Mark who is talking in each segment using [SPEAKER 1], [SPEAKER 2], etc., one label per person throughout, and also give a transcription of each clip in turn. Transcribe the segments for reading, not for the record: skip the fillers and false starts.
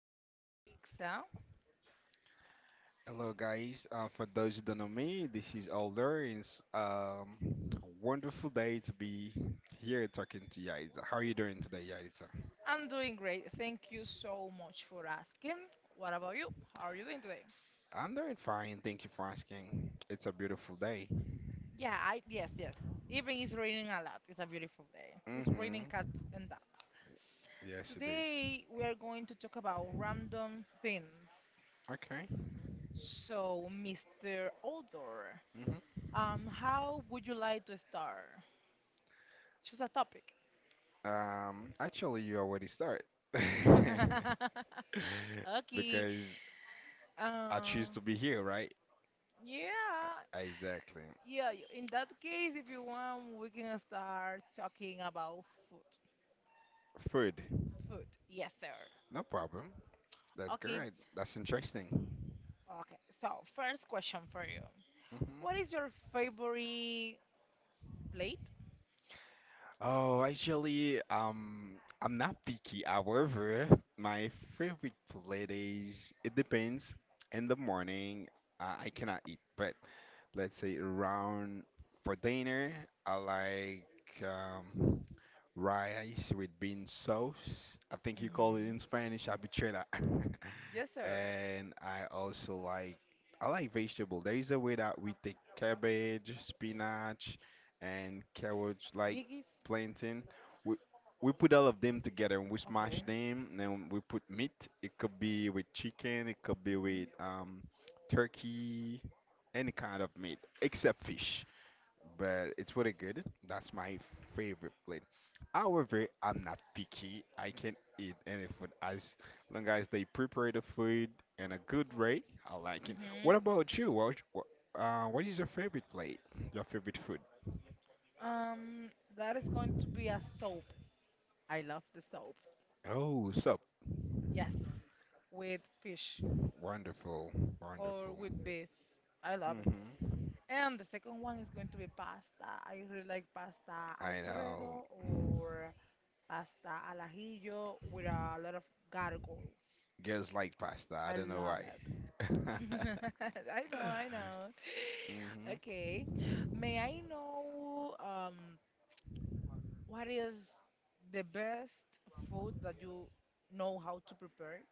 [SPEAKER 1] This is Yarixa.
[SPEAKER 2] Hello, guys. For those who don't know me, this is Alder. It's a wonderful day to be here talking to Yaritza. How are you doing today, Yaritza?
[SPEAKER 1] I'm doing great. Thank you so much for asking. What about you? How are you doing today?
[SPEAKER 2] I'm doing fine. Thank you for asking. It's a beautiful day.
[SPEAKER 1] Yeah, I yes, yes. Even it's raining a lot. It's a beautiful day. It's raining cats
[SPEAKER 2] Mm-hmm.
[SPEAKER 1] and dogs.
[SPEAKER 2] Yes, it is.
[SPEAKER 1] Today we are going to talk about random things.
[SPEAKER 2] Okay.
[SPEAKER 1] So, Mr. Odor,
[SPEAKER 2] Mm-hmm.
[SPEAKER 1] how would you like to start? Choose a topic.
[SPEAKER 2] Actually, you already started
[SPEAKER 1] Okay.
[SPEAKER 2] because I choose to
[SPEAKER 1] Um,
[SPEAKER 2] be here, right?
[SPEAKER 1] yeah.
[SPEAKER 2] Exactly.
[SPEAKER 1] In that case, if you want, we can start talking about food.
[SPEAKER 2] Food.
[SPEAKER 1] Food, yes, sir.
[SPEAKER 2] No problem. That's
[SPEAKER 1] Okay,
[SPEAKER 2] great. That's interesting.
[SPEAKER 1] okay. So, first question for you. What
[SPEAKER 2] hmm
[SPEAKER 1] is your favorite plate?
[SPEAKER 2] Oh, actually, I'm not picky. However, my favorite plate is it depends. In the morning, I cannot eat, but let's say around for dinner, I like rice with bean sauce. I think you call it in
[SPEAKER 1] Mm-hmm.
[SPEAKER 2] Spanish habichuela.
[SPEAKER 1] Yes, sir.
[SPEAKER 2] And I like vegetable. There is a way that we take cabbage, spinach, and carrots, like
[SPEAKER 1] Biggest?
[SPEAKER 2] plantain. We we put all of them together and we smash
[SPEAKER 1] Okay.
[SPEAKER 2] them. Then we put meat. It could be with chicken. It could be
[SPEAKER 1] Mm-hmm.
[SPEAKER 2] with turkey, any kind of meat except fish, but it's really good. That's my favorite plate. However, I'm not picky. I can eat any food as long as they prepare the food in a good way. I like it. What
[SPEAKER 1] Mm-hmm.
[SPEAKER 2] about you? What is your favorite plate? Your favorite food?
[SPEAKER 1] Um, that is going to be a soap. I love the soap.
[SPEAKER 2] Oh, sup?
[SPEAKER 1] Yes, with fish
[SPEAKER 2] Wonderful,
[SPEAKER 1] or
[SPEAKER 2] wonderful.
[SPEAKER 1] with beef. I love it.
[SPEAKER 2] Hmm.
[SPEAKER 1] And the second one is going to be pasta. I really like pasta
[SPEAKER 2] I know.
[SPEAKER 1] Alfredo or pasta al ajillo with a lot of gargle.
[SPEAKER 2] Girls like pasta. I
[SPEAKER 1] I
[SPEAKER 2] don't know
[SPEAKER 1] love
[SPEAKER 2] why.
[SPEAKER 1] it. I know, I know.
[SPEAKER 2] hmm
[SPEAKER 1] Okay. May I know what is the best food that you know how to prepare it?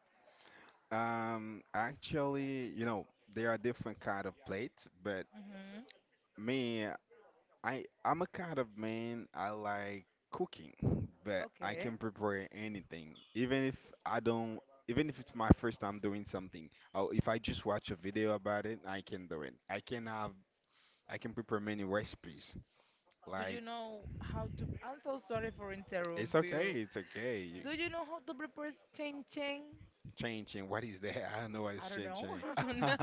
[SPEAKER 2] Actually, there are different kind of plates, but
[SPEAKER 1] Mm-hmm.
[SPEAKER 2] me, I'm a kind of man I like cooking, but I
[SPEAKER 1] Okay.
[SPEAKER 2] can prepare anything. Even if I don't, even if it's my first time doing something, or if I just watch a video about it, I can do it. I can prepare many recipes.
[SPEAKER 1] Do you
[SPEAKER 2] Like,
[SPEAKER 1] know how to? I'm so sorry for
[SPEAKER 2] it's
[SPEAKER 1] interrupt
[SPEAKER 2] okay,
[SPEAKER 1] you.
[SPEAKER 2] it's okay.
[SPEAKER 1] Do you know how to prepare cheng cheng?
[SPEAKER 2] Changing, what is that? I don't know what is
[SPEAKER 1] I don't know.
[SPEAKER 2] changing.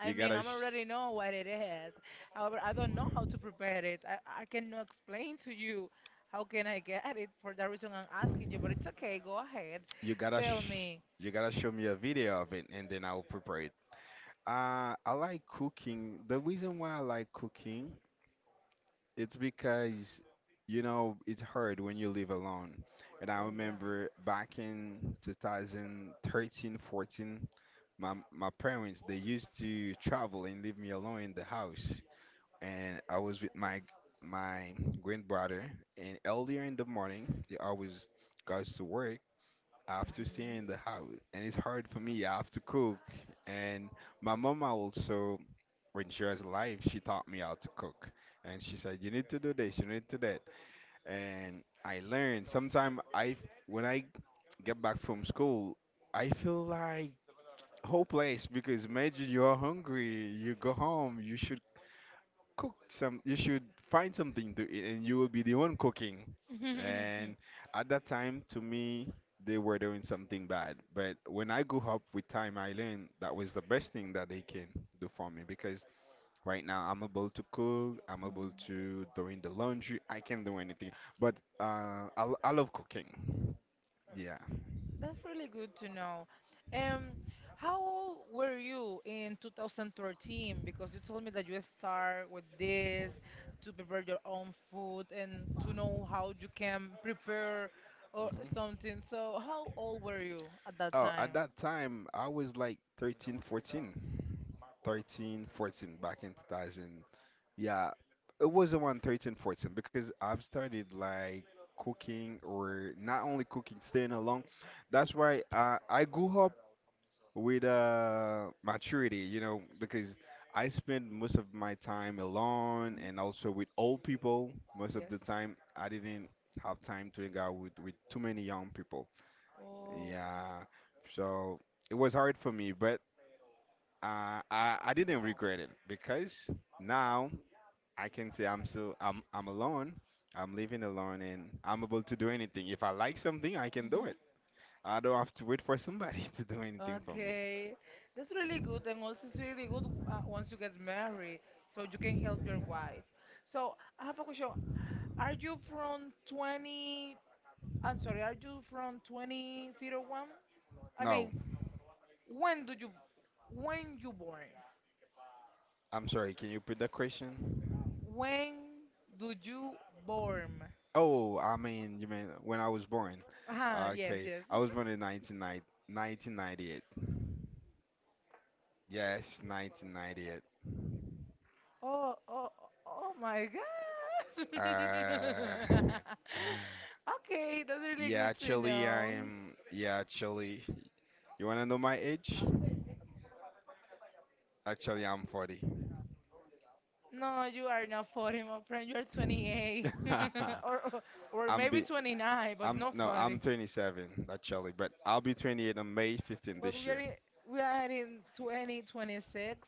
[SPEAKER 1] I
[SPEAKER 2] You
[SPEAKER 1] mean,
[SPEAKER 2] gotta
[SPEAKER 1] I'm
[SPEAKER 2] sh
[SPEAKER 1] already know what it is. However, I don't know how to prepare it. I cannot explain to you how can I get it. For that reason, I'm asking you. But it's okay. Go ahead.
[SPEAKER 2] you gotta
[SPEAKER 1] Tell
[SPEAKER 2] sh
[SPEAKER 1] me.
[SPEAKER 2] you gotta show me a video of it, and then I'll prepare. I like cooking. The reason why I like cooking, it's because, it's hard when you live alone. And I
[SPEAKER 1] Oh, yeah.
[SPEAKER 2] remember back in 2013, 14, my parents they used to travel and leave me alone in the house. And I was with my my grandbrother. And earlier in the morning, he always goes to work. I have to stay in the house, and it's hard for me. I have to cook, and my mom also, when she was alive, she taught me how to cook. And she said, "You need to do this, you need to do that." And I learned. Sometimes when I get back from school, I feel like hopeless because imagine you are hungry, you go home, you should cook some, you should find something to eat, and you will be the one cooking.
[SPEAKER 1] Mhm.
[SPEAKER 2] And at that time, to me, they were doing something bad. But when I grew up with time, I learned that was the best thing that they can do for me, because right now, I'm able to cook. I'm able to doing the laundry. I can do anything, but I love cooking. Yeah.
[SPEAKER 1] That's really good to know. Um, how old were you in 2013? Because you told me that you start with this to prepare your own food and to know how you can prepare or
[SPEAKER 2] hmm
[SPEAKER 1] something. So how old were you at that
[SPEAKER 2] Oh,
[SPEAKER 1] time?
[SPEAKER 2] at that time, I was like 13, 14, 13, 14 back in 2000. Yeah, it was around 13, 14 because I've started like cooking, or not only cooking, staying alone. That's why I grew up with maturity, because I spend most of my time alone
[SPEAKER 1] Mhm.
[SPEAKER 2] and also with old people. Most of
[SPEAKER 1] Yes.
[SPEAKER 2] the time, I didn't have time to hang out with too many young people.
[SPEAKER 1] Oh.
[SPEAKER 2] Yeah, so it was hard for me, but I didn't regret it because now I can say I'm still, I'm alone. I'm living alone and I'm able to do anything. If I like something, I can do
[SPEAKER 1] Mm-hmm.
[SPEAKER 2] it. I don't have to wait for somebody to do anything for me.
[SPEAKER 1] Okay. That's really good, and also it's really good once you get married, so you can help your wife. So I have a question. Are you from 20? I'm sorry, are you from 2001? I
[SPEAKER 2] No,
[SPEAKER 1] mean, when do you when you born?
[SPEAKER 2] I'm sorry, can you repeat that question?
[SPEAKER 1] When do you born?
[SPEAKER 2] Oh, I mean, you mean when I was born.
[SPEAKER 1] Ah, yes,
[SPEAKER 2] Okay,
[SPEAKER 1] yes.
[SPEAKER 2] I was born in 1990. Yes, 1998.
[SPEAKER 1] Oh, oh, oh my God.
[SPEAKER 2] Uh,
[SPEAKER 1] Okay, that's really
[SPEAKER 2] yeah,
[SPEAKER 1] good to
[SPEAKER 2] actually,
[SPEAKER 1] know.
[SPEAKER 2] I'm, yeah, actually, you wanna know my age? Actually, I'm 40.
[SPEAKER 1] No, you are not 40, my friend. You're 28 or or or
[SPEAKER 2] I'm
[SPEAKER 1] maybe
[SPEAKER 2] be.
[SPEAKER 1] 29, but
[SPEAKER 2] I'm
[SPEAKER 1] not
[SPEAKER 2] no, I'm
[SPEAKER 1] 40.
[SPEAKER 2] 27 actually, but I'll be 28 on May 15
[SPEAKER 1] But
[SPEAKER 2] this year.
[SPEAKER 1] we are in 2026.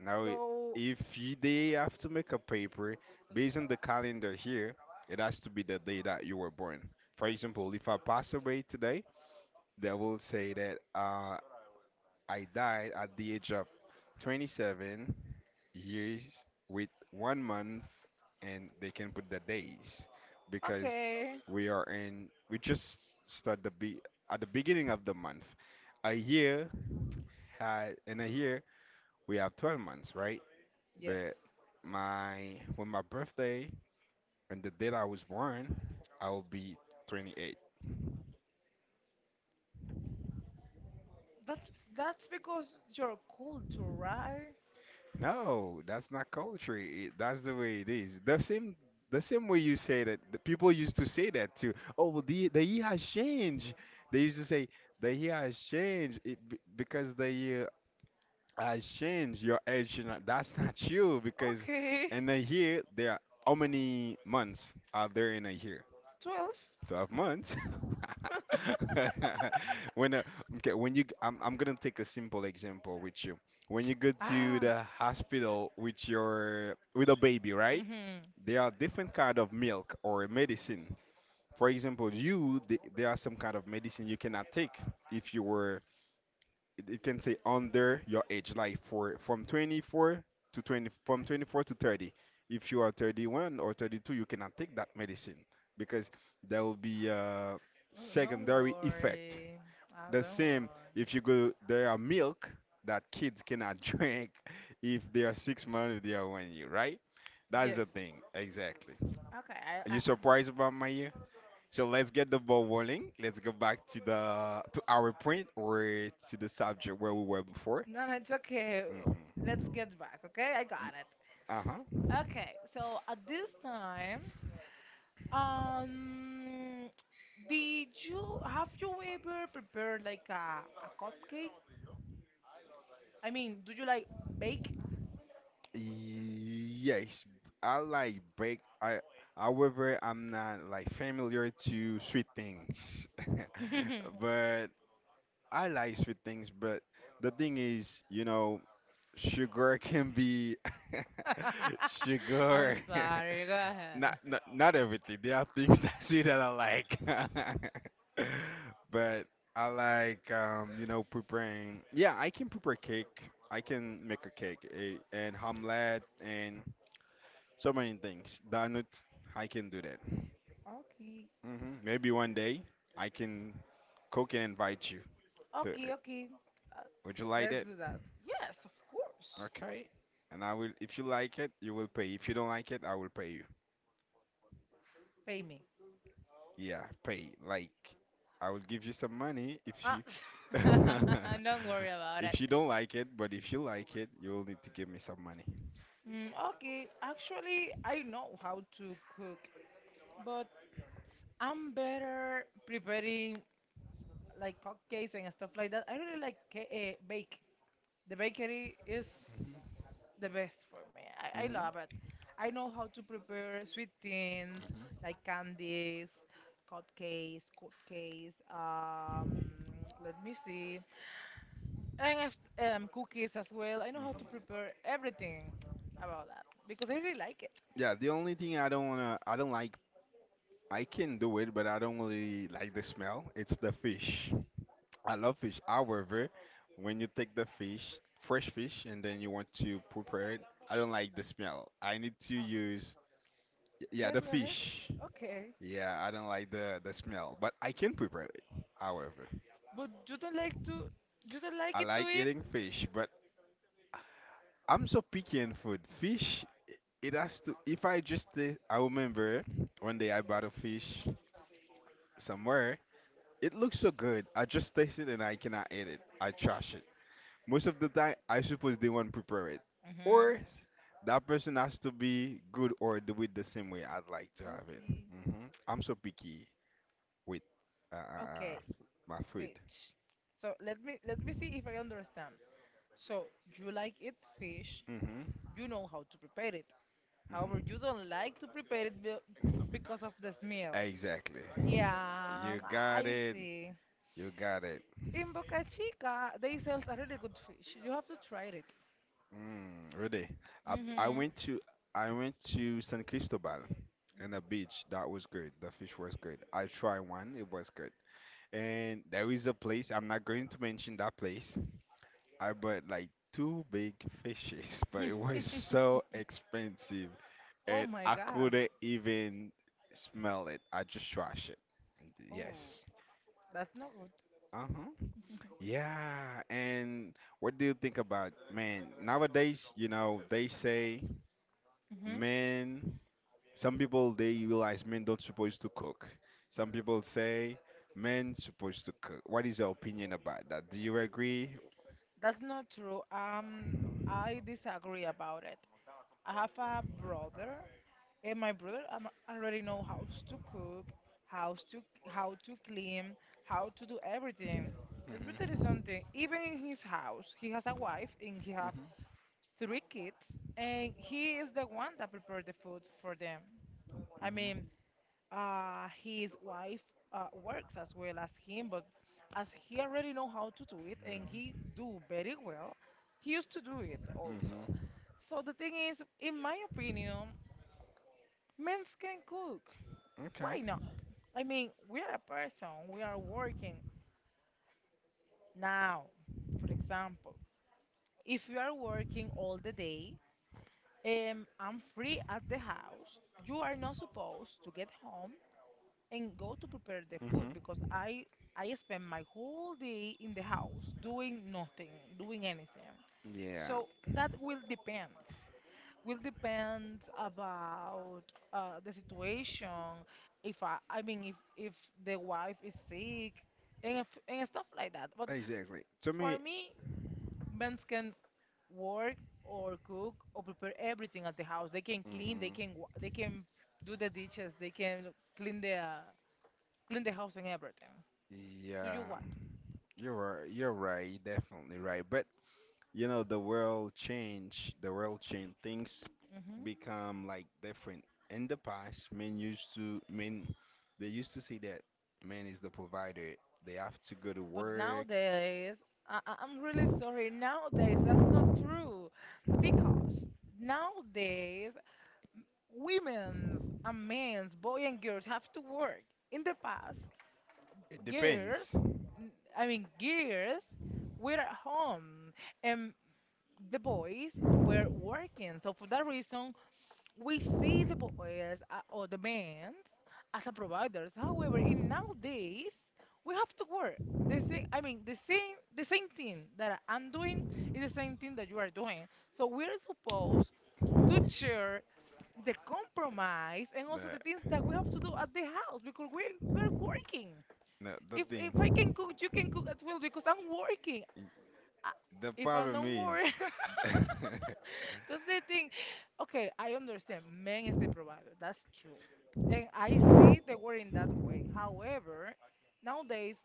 [SPEAKER 2] Now,
[SPEAKER 1] So,
[SPEAKER 2] if you, they have to make a paper based on the calendar here, it has to be the day that you were born. For example, if I pass away today, they will say that I died at the age of 27 years with 1 month, and they can put the days because
[SPEAKER 1] okay.
[SPEAKER 2] we are in. We just start the be at the beginning of the month. A year had in a year we have 12 months, right?
[SPEAKER 1] Yes.
[SPEAKER 2] But my, when my birthday and the date I was born, I will be 28.
[SPEAKER 1] That's because your culture, right?
[SPEAKER 2] No, that's not culture. That's the way it is. The same way you say that, the people used to say that too. Oh, well, the year has changed. They used to say the year has changed it, because the year has changed. Your age, should not—" that's not true because
[SPEAKER 1] Okay.
[SPEAKER 2] in a year there are, how many months are there in a year?
[SPEAKER 1] 12.
[SPEAKER 2] 12 months. When okay, I'm gonna take a simple example with you. When you go to
[SPEAKER 1] Ah.
[SPEAKER 2] the hospital with your with a baby, right?
[SPEAKER 1] Mhm.
[SPEAKER 2] There are different kind of milk or medicine. For example, there are some kind of medicine you cannot take if you were it can say under your age, like for from 24 to 20, from 24 to 30, if you are 31 or 32 you cannot take that medicine because there will be a
[SPEAKER 1] Oh, don't
[SPEAKER 2] secondary effect.
[SPEAKER 1] worry. Ah,
[SPEAKER 2] The
[SPEAKER 1] don't
[SPEAKER 2] same,
[SPEAKER 1] worry.
[SPEAKER 2] if you go there are milk that kids cannot drink if they are 6 months, if they are 1 year, right? That's
[SPEAKER 1] Yes.
[SPEAKER 2] the thing, exactly.
[SPEAKER 1] Okay.
[SPEAKER 2] Are
[SPEAKER 1] I.
[SPEAKER 2] you surprised about my year? So let's get the ball rolling. Let's go back to our point, or to the subject where we were before.
[SPEAKER 1] No, no, it's okay.
[SPEAKER 2] Mm-hmm.
[SPEAKER 1] Let's get back. Okay, I got it.
[SPEAKER 2] Uh huh.
[SPEAKER 1] Okay. So at this time, Um, did you have you ever prepared like a cupcake? I mean, do you like bake?
[SPEAKER 2] Yes, I like bake. However, I'm not like familiar to sweet things, but I like sweet things. But the thing is, sugar can be
[SPEAKER 1] I'm
[SPEAKER 2] sugar.
[SPEAKER 1] sorry, go
[SPEAKER 2] not
[SPEAKER 1] ahead.
[SPEAKER 2] not, not everything. There are things that see that I like, but I like preparing. Yeah, I can prepare cake. I can make a cake, and omelette and so many things. Donut, I can do that.
[SPEAKER 1] Okay,
[SPEAKER 2] Maybe one day I can cook and invite you to.
[SPEAKER 1] okay, okay. Uh,
[SPEAKER 2] Would you like
[SPEAKER 1] let's
[SPEAKER 2] that?
[SPEAKER 1] do that. Yes, of course.
[SPEAKER 2] Okay. And I will. If you like it, you will pay. If you don't like it, I will pay.
[SPEAKER 1] Pay me.
[SPEAKER 2] Yeah, pay. Like, I will give you some money if
[SPEAKER 1] Ah,
[SPEAKER 2] you
[SPEAKER 1] don't worry about it.
[SPEAKER 2] if you don't like it, but if you like it, you will need to give me some money.
[SPEAKER 1] Okay, actually, I know how to cook, but I'm better preparing like cupcakes and stuff like that. I really like bake. The bakery is
[SPEAKER 2] Hmm.
[SPEAKER 1] the best for me. I
[SPEAKER 2] Hmm.
[SPEAKER 1] love it. I know how to prepare sweet things
[SPEAKER 2] Hmm.
[SPEAKER 1] like candies, cupcakes. Let me see, and cookies as well. I know how to prepare everything about that because I really like it.
[SPEAKER 2] Yeah, the only thing I don't wanna, I don't like, I can do it, but I don't really like the smell. It's the fish. I love fish. However, when you take the fish, fresh fish, and then you want to prepare it, I don't like the smell. I need to use, yeah,
[SPEAKER 1] Yes,
[SPEAKER 2] the
[SPEAKER 1] go ahead.
[SPEAKER 2] fish.
[SPEAKER 1] Okay,
[SPEAKER 2] Yeah, I don't like the smell, but I can prepare it. However,
[SPEAKER 1] but you don't like
[SPEAKER 2] I
[SPEAKER 1] it to
[SPEAKER 2] like
[SPEAKER 1] eat.
[SPEAKER 2] eating fish, but I'm so picky in food. Fish, it has to. If I just, taste- I remember one day I bought a fish somewhere. It looks so good. I just taste it and I cannot eat it. I trash it. Most of the time, I suppose they won't prepare it,
[SPEAKER 1] Mm-hmm.
[SPEAKER 2] or s- that person has to be good or do it the same way I'd like to have it.
[SPEAKER 1] Okay.
[SPEAKER 2] I'm so picky with uh, uh, uh,
[SPEAKER 1] Okay.
[SPEAKER 2] my food.
[SPEAKER 1] Fish. So let me see if I understand. So you like it fish,
[SPEAKER 2] Hmm.
[SPEAKER 1] you know how to prepare it. However, you
[SPEAKER 2] Mhm.
[SPEAKER 1] don't like to prepare it be- because of the smell.
[SPEAKER 2] Exactly.
[SPEAKER 1] Yeah,
[SPEAKER 2] You got
[SPEAKER 1] I
[SPEAKER 2] it.
[SPEAKER 1] see.
[SPEAKER 2] You got it.
[SPEAKER 1] In Boca Chica, they sell a really good fish. You have to try it.
[SPEAKER 2] Mm, really. I, I
[SPEAKER 1] Mm-hmm.
[SPEAKER 2] went to I went to San Cristobal and the beach. That was good. The fish was good. I tried one. It was good. And there is a place. I'm not going to mention that place. I bought like two big fishes, but it was so expensive,
[SPEAKER 1] Oh
[SPEAKER 2] and
[SPEAKER 1] my
[SPEAKER 2] I
[SPEAKER 1] God.
[SPEAKER 2] couldn't even smell it. I just trashed it.
[SPEAKER 1] Oh,
[SPEAKER 2] Yes.
[SPEAKER 1] that's not good.
[SPEAKER 2] Uh huh. Yeah, and what do you think about man? Nowadays, they say
[SPEAKER 1] hmm
[SPEAKER 2] men. Some people they realize men don't supposed to cook. Some people say men supposed to cook. What is your opinion about that? Do you agree?
[SPEAKER 1] That's not true. I disagree about it. I have a brother. And my already know how to cook, how to clean, how to do everything. Let me tell you
[SPEAKER 2] Mhm.
[SPEAKER 1] something. Even in his house, he has a wife and he have
[SPEAKER 2] Mhm.
[SPEAKER 1] 3 kids, and he is the one that prepared the food for them. I mean,
[SPEAKER 2] Mhm.
[SPEAKER 1] his wife works as well as him, but as he already know how to do it and he do very well, he used to do it
[SPEAKER 2] Mhm.
[SPEAKER 1] also.
[SPEAKER 2] Mhm.
[SPEAKER 1] So the thing is, in my opinion, men can cook. Why
[SPEAKER 2] Okay.
[SPEAKER 1] not? I mean, we are a person, we are working now, for example. If you are working all the day, I'm free at the house, you are not supposed to get home and go to prepare the food
[SPEAKER 2] Mhm.
[SPEAKER 1] because I spend my whole day in the house doing nothing, doing anything.
[SPEAKER 2] Yeah.
[SPEAKER 1] So that will depend. Will depend about the situation. If I, I mean, if the wife is sick and if, and stuff like that. But
[SPEAKER 2] Exactly. To
[SPEAKER 1] for
[SPEAKER 2] me.
[SPEAKER 1] me, men can work or cook or prepare everything at the house. They can clean.
[SPEAKER 2] Mhm.
[SPEAKER 1] They can do the dishes. They can clean the uh, clean the house and everything. To
[SPEAKER 2] Yeah.
[SPEAKER 1] you what?
[SPEAKER 2] You're right. You're right. Definitely right. But you know the world change, things
[SPEAKER 1] Hmm
[SPEAKER 2] become like different. In the past, men used to, men they used to say that man is the provider, they have to go to
[SPEAKER 1] But
[SPEAKER 2] work.
[SPEAKER 1] nowadays, I'm really sorry. Nowadays, that's not true because nowadays women's and men's, boy and girls have to work. In the past,
[SPEAKER 2] It
[SPEAKER 1] girls,
[SPEAKER 2] depends.
[SPEAKER 1] n- I mean girls, were at home, and the boys were working. So for that reason, we see the boys or the men as a providers. However, in nowadays, we have to work. I mean, the same thing that I'm doing is the same thing that you are doing. So we're supposed to share the compromise and also the things that we have to do
[SPEAKER 2] the,
[SPEAKER 1] at the house because we're working.
[SPEAKER 2] the, the
[SPEAKER 1] If I can
[SPEAKER 2] thing,
[SPEAKER 1] cook, you can cook as well because I'm working. I,
[SPEAKER 2] the
[SPEAKER 1] if I'm
[SPEAKER 2] problem
[SPEAKER 1] not
[SPEAKER 2] is,
[SPEAKER 1] working, that's the thing. Okay, I understand. Man is the provider. That's true, and I see the word in that way. However, nowadays,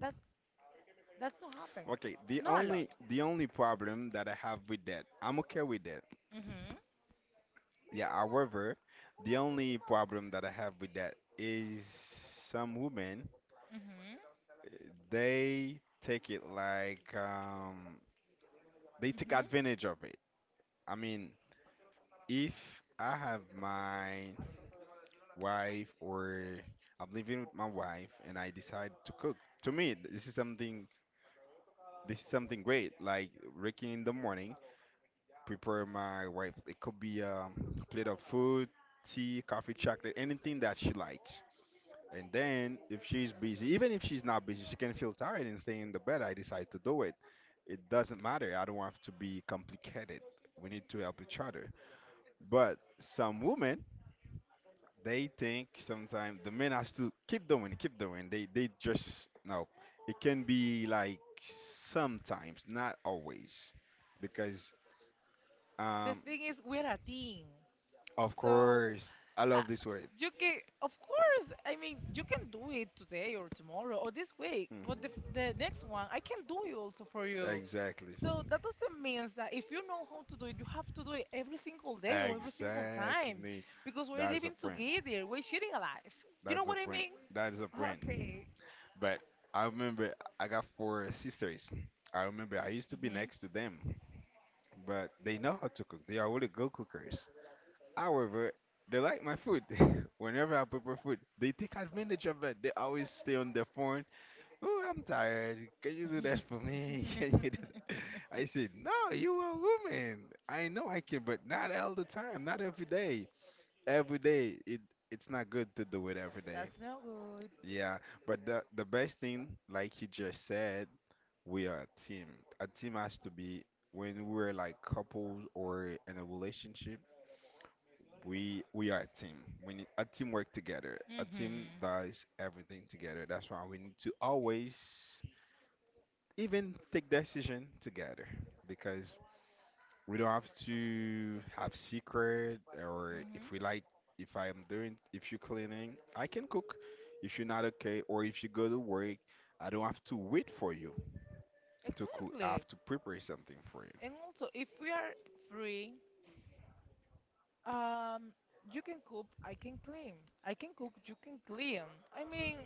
[SPEAKER 1] that's that's not happening.
[SPEAKER 2] okay, the
[SPEAKER 1] Not a lot.
[SPEAKER 2] only, problem that I have with that, I'm okay with that.
[SPEAKER 1] Mhm.
[SPEAKER 2] Yeah, however, the only problem that I have with that is some women,
[SPEAKER 1] Mhm.
[SPEAKER 2] they take it like they take
[SPEAKER 1] Mhm.
[SPEAKER 2] advantage of it. I mean, if I have my wife or I'm living with my wife and I decide to cook, to me this is something great. Like waking in the morning, prepare my wife. It could be a plate of food, tea, coffee, chocolate, anything that she likes. And then if she's busy, even if she's not busy, she can feel tired and stay in the bed. I decide to do it. It doesn't matter. I don't want to be complicated. We need to help each other. But some women, they think sometimes the men has to keep doing, keep doing. They just no. It can be like sometimes, not always, because
[SPEAKER 1] The
[SPEAKER 2] um
[SPEAKER 1] thing is, we're a team.
[SPEAKER 2] of
[SPEAKER 1] So
[SPEAKER 2] course I
[SPEAKER 1] uh,
[SPEAKER 2] love this word.
[SPEAKER 1] you can, of course. I mean, you can do it today or tomorrow or this week. But
[SPEAKER 2] Mhm.
[SPEAKER 1] the next one, I can do it also for you.
[SPEAKER 2] Exactly,
[SPEAKER 1] So that doesn't mean that if you know how to do it, you have to do it every single day or every single time,
[SPEAKER 2] exactly.
[SPEAKER 1] because we're
[SPEAKER 2] That's a
[SPEAKER 1] living
[SPEAKER 2] friend.
[SPEAKER 1] together. We're sharing a life. You
[SPEAKER 2] That's
[SPEAKER 1] know
[SPEAKER 2] a
[SPEAKER 1] what I
[SPEAKER 2] print.
[SPEAKER 1] mean?
[SPEAKER 2] That is a
[SPEAKER 1] Okay.
[SPEAKER 2] print. But I remember I got four sisters. I remember I used to be
[SPEAKER 1] Mhm.
[SPEAKER 2] next to them, but they know how to cook. They are really good cookers. However, they like my food. Whenever I prepare food, they take advantage of it. They always stay on their phone. Oh, I'm tired. Can you do that for me? Can you do that? I said, no, you are a woman. I know I can, but not all the time, not every day. Every day, it's not good to do it every day.
[SPEAKER 1] That's no good.
[SPEAKER 2] Yeah, but the best thing, like you just said, we are a team. A team has to be when we're like couples or in a relationship, we are a team. We need a teamwork together. A team
[SPEAKER 1] Mhm.
[SPEAKER 2] does everything together. That's why we need to always even take decision together, because we don't have to have secret. Or
[SPEAKER 1] Mhm.
[SPEAKER 2] if we like, if I am doing, if you're cleaning, I can cook. If you're not okay or if you go to work, I don't have to wait for you to cook. I
[SPEAKER 1] Exactly.
[SPEAKER 2] have to prepare something for you.
[SPEAKER 1] And also, if we are free Um, you can cook, I can clean. I can cook, you can clean. I mean,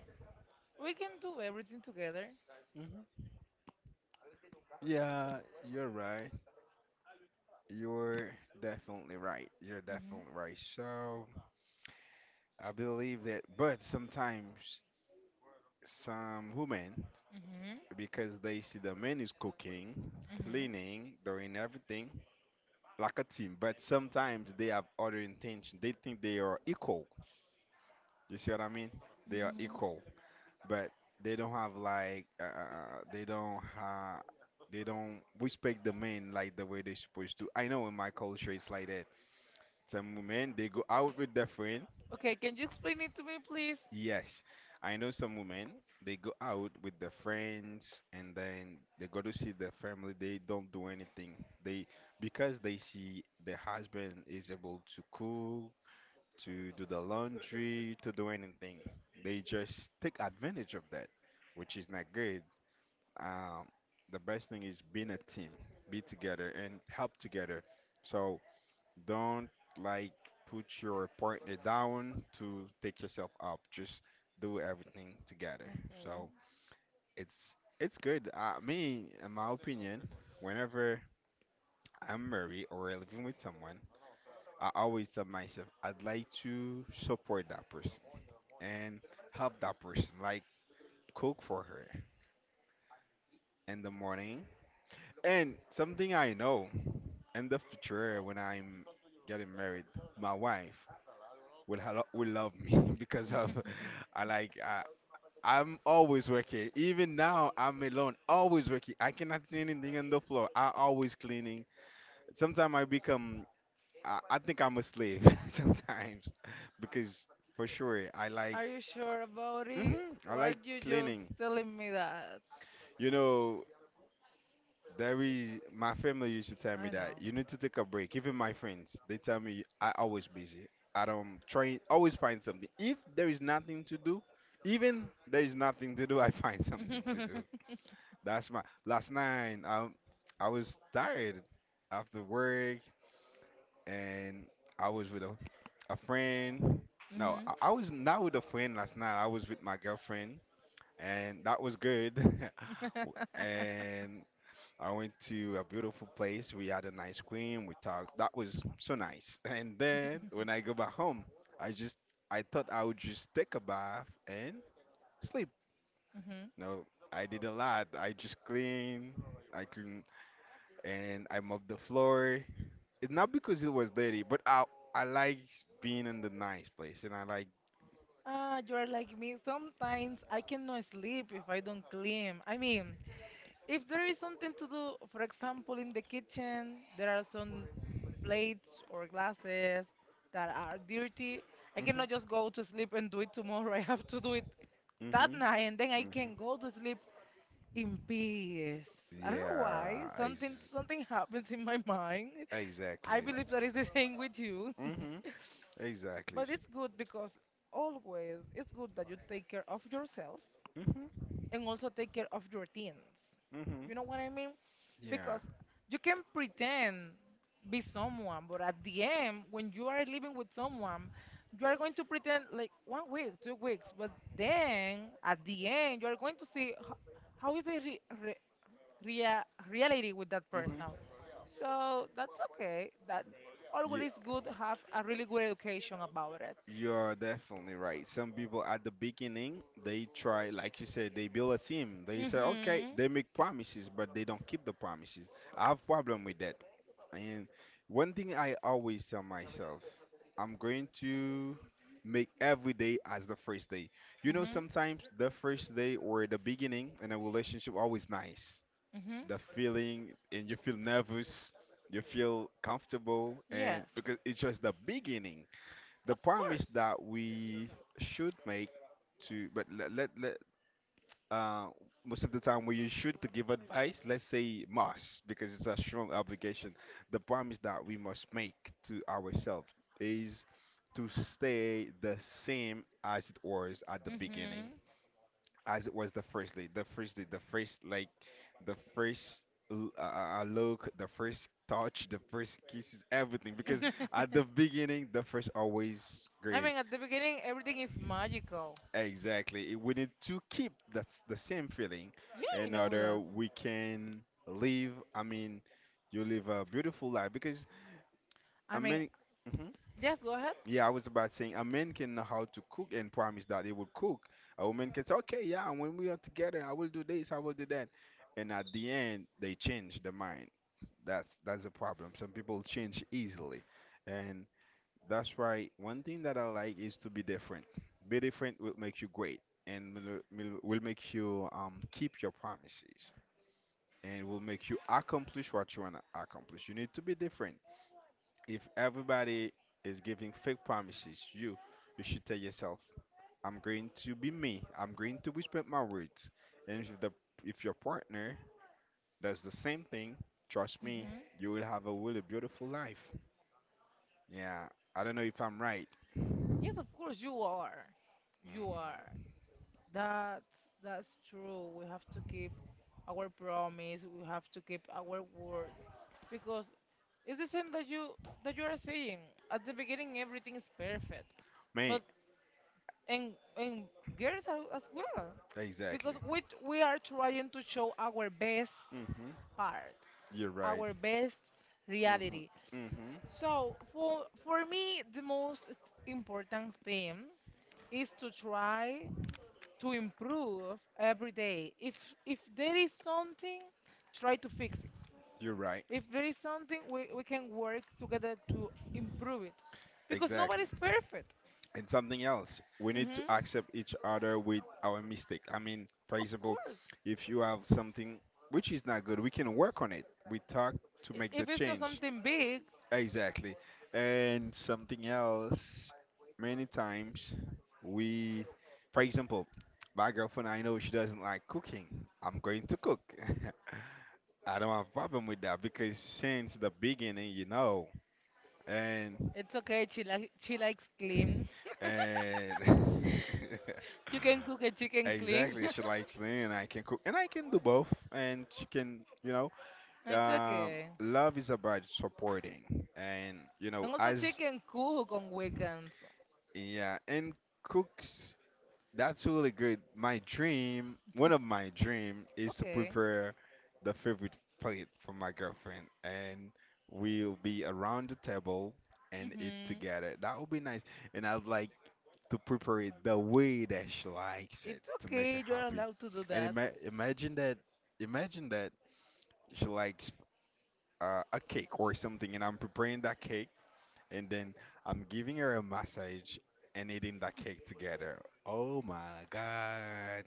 [SPEAKER 1] we can do everything together.
[SPEAKER 2] Mhm. Yeah, you're right. You're definitely right. You're
[SPEAKER 1] Mhm.
[SPEAKER 2] definitely right. So I believe that, but sometimes some women,
[SPEAKER 1] Mhm.
[SPEAKER 2] because they see the men is cooking,
[SPEAKER 1] Mhm.
[SPEAKER 2] cleaning, doing everything, like a team, but sometimes they have other intention. They think they are equal. You see what I mean? They are
[SPEAKER 1] Mhm.
[SPEAKER 2] equal, but they don't have like they don't have, they don't respect the men like the way they're supposed to. I know in my culture it's like that. Some women they go out with their friend.
[SPEAKER 1] Okay, can you explain it to me, please?
[SPEAKER 2] Yes, I know some women they go out with their friends and then they go to see their family. They don't do anything. They, because they see the husband is able to cook, to do the laundry, to do anything. They just take advantage of that, which is not good. Um, the best thing is being a team, be together and help together. So don't, like, put your partner down to take yourself up. Just do everything together.
[SPEAKER 1] Okay.
[SPEAKER 2] So it's good. Me, in my opinion, whenever I'm married or living with someone, I always tell myself I'd like to support that person and help that person, like cook for her in the morning. And something I know, in the future when I'm getting married, my wife will hello will love me because of I like I'm always working. Even now I'm alone, always working. I cannot see anything on the floor. I always cleaning. Sometimes I become I think I'm a slave sometimes because for sure I like
[SPEAKER 1] Are you sure about it,
[SPEAKER 2] hmm I
[SPEAKER 1] or are
[SPEAKER 2] like
[SPEAKER 1] you just
[SPEAKER 2] cleaning.
[SPEAKER 1] telling me that?
[SPEAKER 2] You know, there is my family used to tell me
[SPEAKER 1] I know.
[SPEAKER 2] that you need to take a break. Even my friends, they tell me I always busy. I don't try always find something. If there is nothing to do, even there is nothing to do, I find something to do. That's my last night. I was tired after work, and I was with a friend. No,
[SPEAKER 1] mhm.
[SPEAKER 2] I was not with a friend last night. I was with my girlfriend and that was good. And I went to a beautiful place. We had an ice cream. We talked. That was so nice. And then when I go back home, I just I thought I would just take a bath and sleep.
[SPEAKER 1] mhm.
[SPEAKER 2] No, I did a lot. I just clean. I clean and I mop the floor. It's not because it was dirty, but I like being in the nice place and I like.
[SPEAKER 1] Ah, you are like me. Sometimes I cannot sleep if I don't clean. I mean, if there is something to do, for example, in the kitchen, there are some plates or glasses that are dirty. I cannot just
[SPEAKER 2] Hmm.
[SPEAKER 1] go to sleep and do it tomorrow. I have to do it
[SPEAKER 2] Hmm.
[SPEAKER 1] that
[SPEAKER 2] Hmm.
[SPEAKER 1] night, and then I can go to sleep in peace. I don't know why.
[SPEAKER 2] Yeah. ex-
[SPEAKER 1] Something happens in my mind. I
[SPEAKER 2] exactly.
[SPEAKER 1] believe that is the same with you.
[SPEAKER 2] Hmm. Exactly.
[SPEAKER 1] But it's good because always it's good that you take care of yourself
[SPEAKER 2] Hmm.
[SPEAKER 1] and also take care of your teens.
[SPEAKER 2] Hmm.
[SPEAKER 1] You know what I mean?
[SPEAKER 2] Yeah.
[SPEAKER 1] Because you can pretend be someone, but at the end, when you are living with someone, you are going to pretend like 1 week, 2 weeks, but then at the end, you are going to see how is the rea, reality with that person.
[SPEAKER 2] Hmm.
[SPEAKER 1] So that's okay. That
[SPEAKER 2] You
[SPEAKER 1] always good to have a really good education about it.
[SPEAKER 2] you're definitely right. Some people at the beginning they try, like you said, they build a team. They say, okay,
[SPEAKER 1] Mhm.
[SPEAKER 2] they make promises, but they don't keep the promises. I have problem with that. And one thing I always tell myself, I'm going to make every day as the first day. You know,
[SPEAKER 1] Mhm.
[SPEAKER 2] sometimes the first day or the beginning in a relationship always nice.
[SPEAKER 1] Mhm.
[SPEAKER 2] The feeling and you feel nervous, you feel comfortable, and
[SPEAKER 1] Yes.
[SPEAKER 2] because it's just the beginning, the
[SPEAKER 1] Of
[SPEAKER 2] promise
[SPEAKER 1] course.
[SPEAKER 2] that we should make to, but let uh most of the time when you should to give advice let's say must because it's a strong obligation, the promise that we must make to ourselves is to stay the same as it was at the beginning,
[SPEAKER 1] Hmm
[SPEAKER 2] as it was the first day, the first day, the first, like, the first look, the first touch, the first kisses, everything, because at the beginning the first always
[SPEAKER 1] I
[SPEAKER 2] great.
[SPEAKER 1] mean, at the beginning, everything is magical.
[SPEAKER 2] Exactly. We need to keep that's the same feeling
[SPEAKER 1] Yeah, I
[SPEAKER 2] in
[SPEAKER 1] know
[SPEAKER 2] order
[SPEAKER 1] that.
[SPEAKER 2] we can live. I mean, you live a beautiful life because
[SPEAKER 1] I
[SPEAKER 2] a
[SPEAKER 1] mean,
[SPEAKER 2] man. Mhm.
[SPEAKER 1] yes, go ahead.
[SPEAKER 2] Yeah, I was about saying a man can know how to cook and promise that he will cook. A woman can say, okay, yeah, when we are together, I will do this, I will do that, and at the end they change the mind. That's a problem. Some people change easily, and that's right. One thing that I like is to be different. Be different will make you great and will, will make you keep your promises and will make you accomplish what you want to accomplish. You need to be different. If everybody is giving fake promises, you should tell yourself, I'm going to be me. I'm going to respect my words. And if the if your partner does the same thing, trust me,
[SPEAKER 1] Hmm
[SPEAKER 2] you will have a really beautiful life. Yeah, I don't know if I'm right.
[SPEAKER 1] Yes, of course, you are. You are. That's, that's true. We have to keep our promise. We have to keep our word. Because it's the same that you are saying. At the beginning, everything is perfect.
[SPEAKER 2] Mate,
[SPEAKER 1] But and girls are, as well,
[SPEAKER 2] exactly.
[SPEAKER 1] because we are trying to show our best
[SPEAKER 2] Hmm.
[SPEAKER 1] part.
[SPEAKER 2] You're right.
[SPEAKER 1] Our best reality.
[SPEAKER 2] Hmm. Hmm.
[SPEAKER 1] So for me, the most important thing is to try to improve every day. If there is something, try to fix it.
[SPEAKER 2] You're right.
[SPEAKER 1] If there is something, we can work together to improve it, because
[SPEAKER 2] Exactly.
[SPEAKER 1] nobody's perfect.
[SPEAKER 2] And something else, we need to
[SPEAKER 1] Hmm
[SPEAKER 2] accept each other with our mistake. I mean, for
[SPEAKER 1] Of
[SPEAKER 2] example,
[SPEAKER 1] course,
[SPEAKER 2] if you have something which is not good, we can work on it. We talk to
[SPEAKER 1] I-
[SPEAKER 2] make the
[SPEAKER 1] if it's not
[SPEAKER 2] change.
[SPEAKER 1] something big,
[SPEAKER 2] Exactly. And something else, many times we, for example, my girlfriend, I know she doesn't like cooking. I'm going to cook. I don't have a problem with that because since the beginning, you know, and
[SPEAKER 1] it's okay. She like she likes clean.
[SPEAKER 2] and
[SPEAKER 1] You can cook a chicken clean.
[SPEAKER 2] exactly she likes me and I can cook and I can do both and she can you know
[SPEAKER 1] It's
[SPEAKER 2] um
[SPEAKER 1] okay.
[SPEAKER 2] love is about supporting and you know
[SPEAKER 1] And also
[SPEAKER 2] as
[SPEAKER 1] chicken cook on weekends.
[SPEAKER 2] yeah and cooks. That's really good. My dream, one of my dream is to
[SPEAKER 1] Okay.
[SPEAKER 2] prepare the favorite plate for my girlfriend and we'll be around the table and eat
[SPEAKER 1] hmm
[SPEAKER 2] together. That would be nice. And I'd like to prepare it the way that she likes it
[SPEAKER 1] It's
[SPEAKER 2] to make
[SPEAKER 1] okay.
[SPEAKER 2] her
[SPEAKER 1] You are
[SPEAKER 2] happy.
[SPEAKER 1] allowed to do
[SPEAKER 2] And
[SPEAKER 1] that.
[SPEAKER 2] imagine that she likes a cake or something and I'm preparing that cake and then I'm giving her a massage and eating that cake together. Oh my God.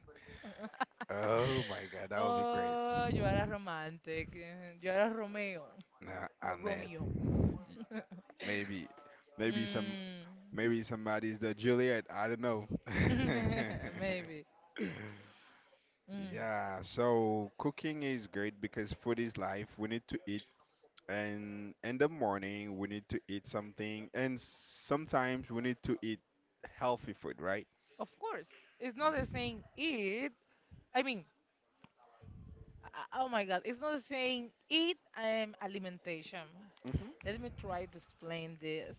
[SPEAKER 2] Oh my God, that would be great.
[SPEAKER 1] Oh, you are a romantic. Eh, you are a Romeo.
[SPEAKER 2] Nah,
[SPEAKER 1] A
[SPEAKER 2] Annette,
[SPEAKER 1] Romeo.
[SPEAKER 2] y- maybe, maybe some,
[SPEAKER 1] Mm.
[SPEAKER 2] maybe somebody's the Juliet. I don't know.
[SPEAKER 1] Maybe. Mm.
[SPEAKER 2] Yeah, so cooking is great because food is life. We need to eat, and in the morning we need to eat something, and sometimes we need to eat healthy food, right?
[SPEAKER 1] Of course. It's not the same eat. I mean, oh my God. It's not the same eat and alimentation.
[SPEAKER 2] Mhm.
[SPEAKER 1] Let me try to explain this.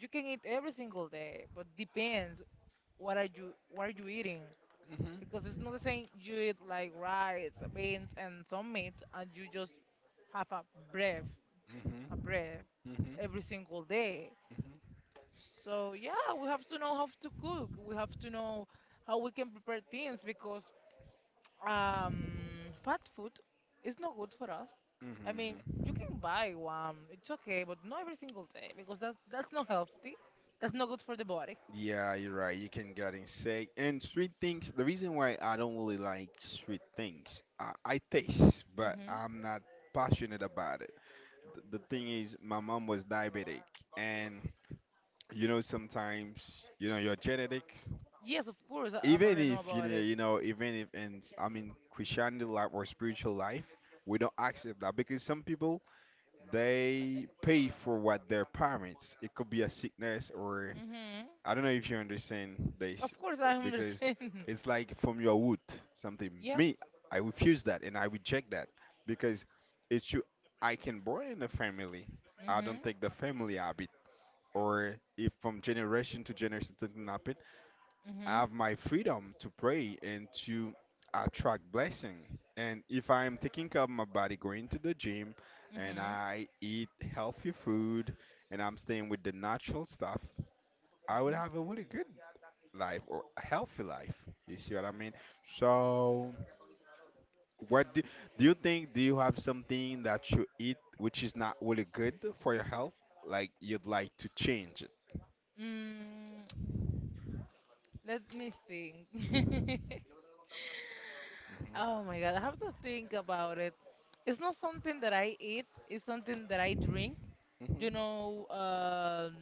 [SPEAKER 1] You can eat every single day, but depends what are you eating.
[SPEAKER 2] Mhm.
[SPEAKER 1] Because it's not the same you eat like rice, beans, and some meat, and you just have breath,
[SPEAKER 2] Mhm.
[SPEAKER 1] a breath
[SPEAKER 2] Mhm.
[SPEAKER 1] every single day.
[SPEAKER 2] Mhm.
[SPEAKER 1] So yeah, we have to know how to cook. We have to know how we can prepare things because fat food is not good for us. I mean,
[SPEAKER 2] Mhm.
[SPEAKER 1] you can buy one, it's okay, but not every single day because that's not healthy. That's not good for the body.
[SPEAKER 2] Yeah, you're right. You can get insane. And sweet things, the reason why I don't really like sweet things, I taste, but
[SPEAKER 1] Hmm
[SPEAKER 2] I'm not passionate about it. The thing is, my mom was diabetic, and you know, sometimes, you know, your genetics,
[SPEAKER 1] Yes, of course, I
[SPEAKER 2] even
[SPEAKER 1] already know
[SPEAKER 2] if,
[SPEAKER 1] about it.
[SPEAKER 2] you know even if, and I mean, Christianity life or spiritual life, we don't accept that because some people, they pay for what their parents, it could be a sickness or
[SPEAKER 1] Hmm
[SPEAKER 2] I don't know if you understand
[SPEAKER 1] Of
[SPEAKER 2] this
[SPEAKER 1] course, I
[SPEAKER 2] because
[SPEAKER 1] understand.
[SPEAKER 2] it's like from your wood something.
[SPEAKER 1] Yep.
[SPEAKER 2] Me, I refuse that and I reject that because it's you. I can born in a family. I don't
[SPEAKER 1] Mhm.
[SPEAKER 2] take the family habit or if from generation to generation something happen. I
[SPEAKER 1] Mhm.
[SPEAKER 2] have my freedom to pray and to attract blessing. And if I am taking care of my body, going to the gym, and
[SPEAKER 1] Mhm.
[SPEAKER 2] I eat healthy food, and I'm staying with the natural stuff, I would
[SPEAKER 1] Mhm.
[SPEAKER 2] have a really good life or a healthy life. You see what I mean? So, what do, do you think? Do you have something that you eat which is not really good for your health? Like you'd like to change it?
[SPEAKER 1] Mm, let me think. Oh
[SPEAKER 2] hmm
[SPEAKER 1] my God, I have to think about it. It's not something that I eat, it's something that I drink. You
[SPEAKER 2] hmm
[SPEAKER 1] know,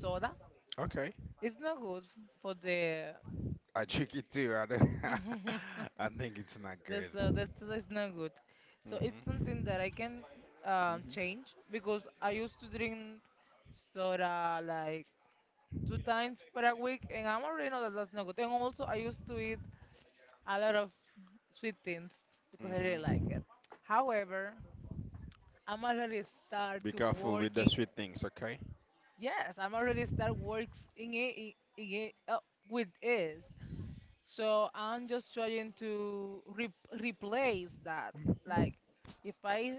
[SPEAKER 1] soda.
[SPEAKER 2] Okay,
[SPEAKER 1] It's not good for the
[SPEAKER 2] I check it too. I, don't- I think it's not good.
[SPEAKER 1] that's not good. So it's something
[SPEAKER 2] hmm
[SPEAKER 1] that I can
[SPEAKER 2] hmm
[SPEAKER 1] change because I used to drink soda like 2 times per week, and I'm already know that that's not good. And also, I used to eat a lot of sweet things because I really like it.
[SPEAKER 2] hmm
[SPEAKER 1] However, I'm already start
[SPEAKER 2] Be
[SPEAKER 1] to
[SPEAKER 2] careful with the
[SPEAKER 1] working.
[SPEAKER 2] sweet things, okay?
[SPEAKER 1] Yes, I'm already start works in it, in it with this. So I'm just trying to replace that.
[SPEAKER 2] Mhm.
[SPEAKER 1] Like, if I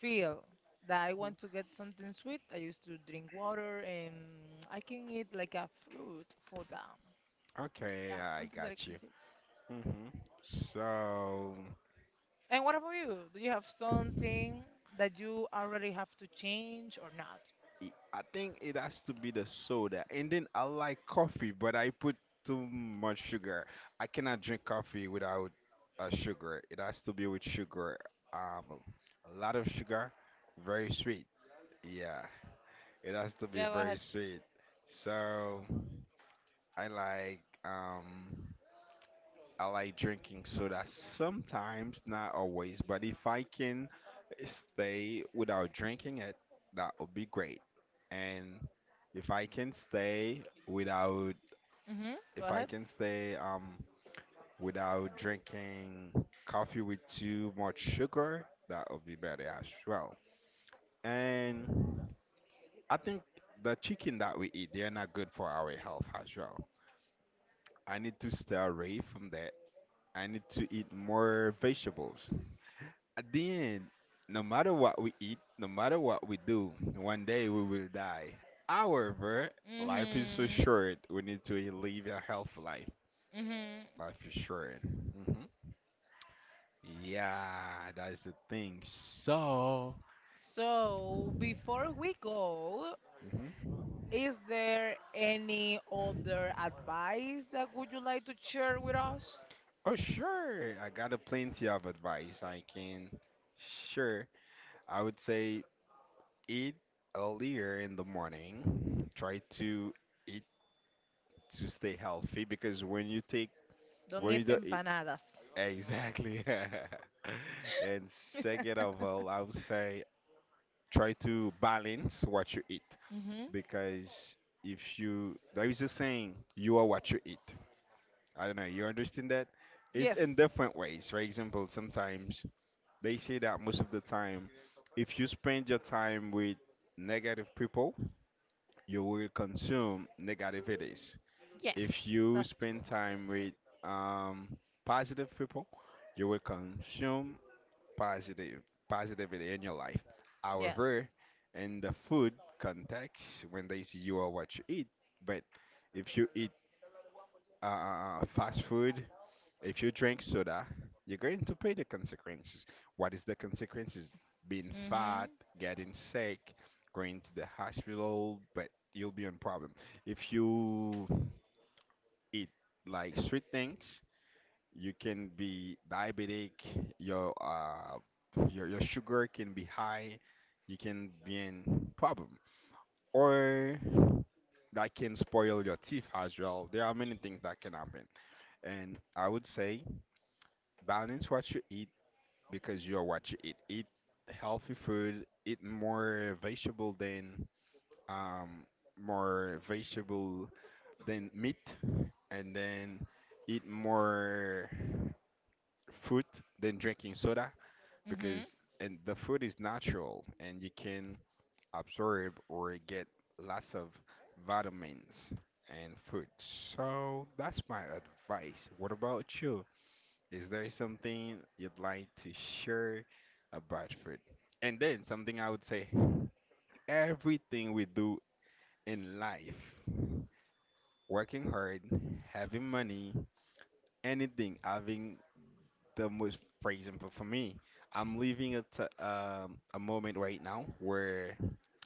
[SPEAKER 1] feel that I want to get something sweet, I used to drink water and I can eat like a fruit for that.
[SPEAKER 2] Okay,
[SPEAKER 1] Yeah,
[SPEAKER 2] I
[SPEAKER 1] something that I
[SPEAKER 2] got
[SPEAKER 1] can
[SPEAKER 2] you.
[SPEAKER 1] do.
[SPEAKER 2] hmm So.
[SPEAKER 1] And what about you? Do you have something that you already have to change or not?
[SPEAKER 2] I think it has to be the soda. And then I like coffee, but I put too much sugar. I cannot drink coffee without sugar. It has to be with sugar. Um, a lot of sugar, very sweet. Yeah, it has to be
[SPEAKER 1] Yeah, go
[SPEAKER 2] very
[SPEAKER 1] ahead.
[SPEAKER 2] sweet. So I like um I like drinking soda sometimes, not always, but if I can stay without drinking it, that would be great. And if I can stay without,
[SPEAKER 1] Mhm. Go
[SPEAKER 2] if I
[SPEAKER 1] ahead.
[SPEAKER 2] can stay um without drinking coffee with too much sugar, that would be better as well. And I think the chicken that we eat, they're not good for our health as well. I need to stay away from that. I need to eat more vegetables. At the end, no matter what we eat, no matter what we do, one day we will die. However, life is so
[SPEAKER 1] Mhm.
[SPEAKER 2] short. We need to live a healthy life.
[SPEAKER 1] Mhm.
[SPEAKER 2] Life is short. hmm Yeah, that's the thing. So,
[SPEAKER 1] So before we go,
[SPEAKER 2] Mhm.
[SPEAKER 1] is there any other advice that would you like to share with us?
[SPEAKER 2] Oh sure, I got a plenty of advice. Sure, I would say eat earlier in the morning. Try to eat to stay healthy because when you take
[SPEAKER 1] Don't
[SPEAKER 2] when you
[SPEAKER 1] eat
[SPEAKER 2] do
[SPEAKER 1] empanadas.
[SPEAKER 2] exactly. And second of all, I would say try to balance what you eat
[SPEAKER 1] mhm.
[SPEAKER 2] because if you, there is a saying, you are what you eat. I don't know, you understand that? It's
[SPEAKER 1] Yes.
[SPEAKER 2] in different ways. For example, sometimes they say that most of the time, if you spend your time with negative people, you will consume negativities.
[SPEAKER 1] Yes.
[SPEAKER 2] If you
[SPEAKER 1] That's true.
[SPEAKER 2] spend time with um, positive people, you will consume positive positivity in your life.
[SPEAKER 1] Yes.
[SPEAKER 2] However, in the food context, when they see you are what you eat, but if you eat fast food, if you drink soda, you're going to pay the consequences. What is the consequences? Being fat,
[SPEAKER 1] Mhm.
[SPEAKER 2] getting sick, going to the hospital, but you'll be on problem. If you eat like sweet things, you can be diabetic. Your uh, your sugar can be high. You can be in problem, or that can spoil your teeth as well. There are many things that can happen, and I would say balance what you eat because you're what you eat. Eat healthy food. Eat um more vegetable than meat, and then eat more fruit than drinking soda
[SPEAKER 1] Mhm.
[SPEAKER 2] because and the food is natural and you can absorb or get lots of vitamins and food. So that's my advice. What about you? Is there something you'd like to share about food? And then something I would say everything we do in life, working hard, having money, anything, having the most freezing. But for me, I'm living at a moment right now where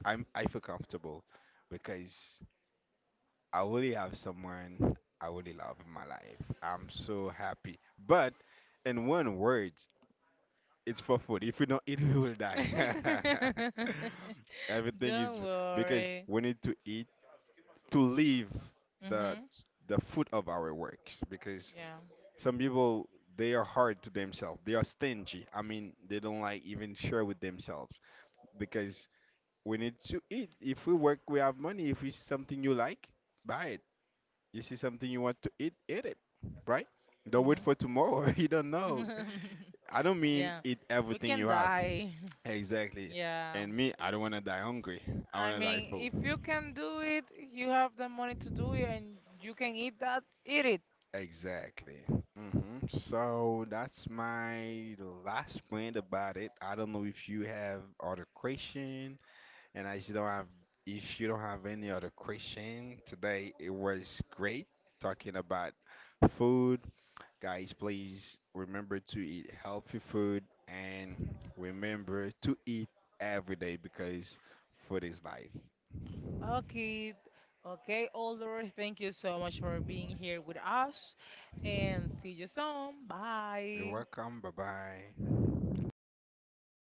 [SPEAKER 2] I feel comfortable because I really have someone I really love in my life. I'm so happy. But in one word, it's for food. If we don't eat, we will die. Everything is
[SPEAKER 1] Don't
[SPEAKER 2] because
[SPEAKER 1] worry.
[SPEAKER 2] we need to eat to live the
[SPEAKER 1] Mhm.
[SPEAKER 2] the fruit of our works because
[SPEAKER 1] Yeah.
[SPEAKER 2] some people they are hard to themselves. They are stingy. I mean, they don't like even share with themselves because we need to eat. If we work, we have money. If we see something you like, buy it. You see something you want to eat, eat it. Right? Don't wait
[SPEAKER 1] Mhm.
[SPEAKER 2] for tomorrow. You don't know. I don't mean
[SPEAKER 1] Yeah.
[SPEAKER 2] eat
[SPEAKER 1] We
[SPEAKER 2] everything
[SPEAKER 1] can
[SPEAKER 2] you have.
[SPEAKER 1] die.
[SPEAKER 2] Exactly.
[SPEAKER 1] Yeah.
[SPEAKER 2] And me, I don't want to die hungry. I
[SPEAKER 1] I
[SPEAKER 2] want to die
[SPEAKER 1] mean,
[SPEAKER 2] full.
[SPEAKER 1] if you can do it, you have the money to do it, and you can eat that. Eat it.
[SPEAKER 2] Exactly. So that's my last point about it. I don't know if you have other question, and I just don't have. If you don't have any other question today, it was great talking about food. Guys, please remember to eat healthy food and remember to eat every day because food is life.
[SPEAKER 1] Okay. Okay, older. Thank you so much for being here with us, and see you soon.
[SPEAKER 2] You're
[SPEAKER 1] Bye.
[SPEAKER 2] welcome. Bye bye.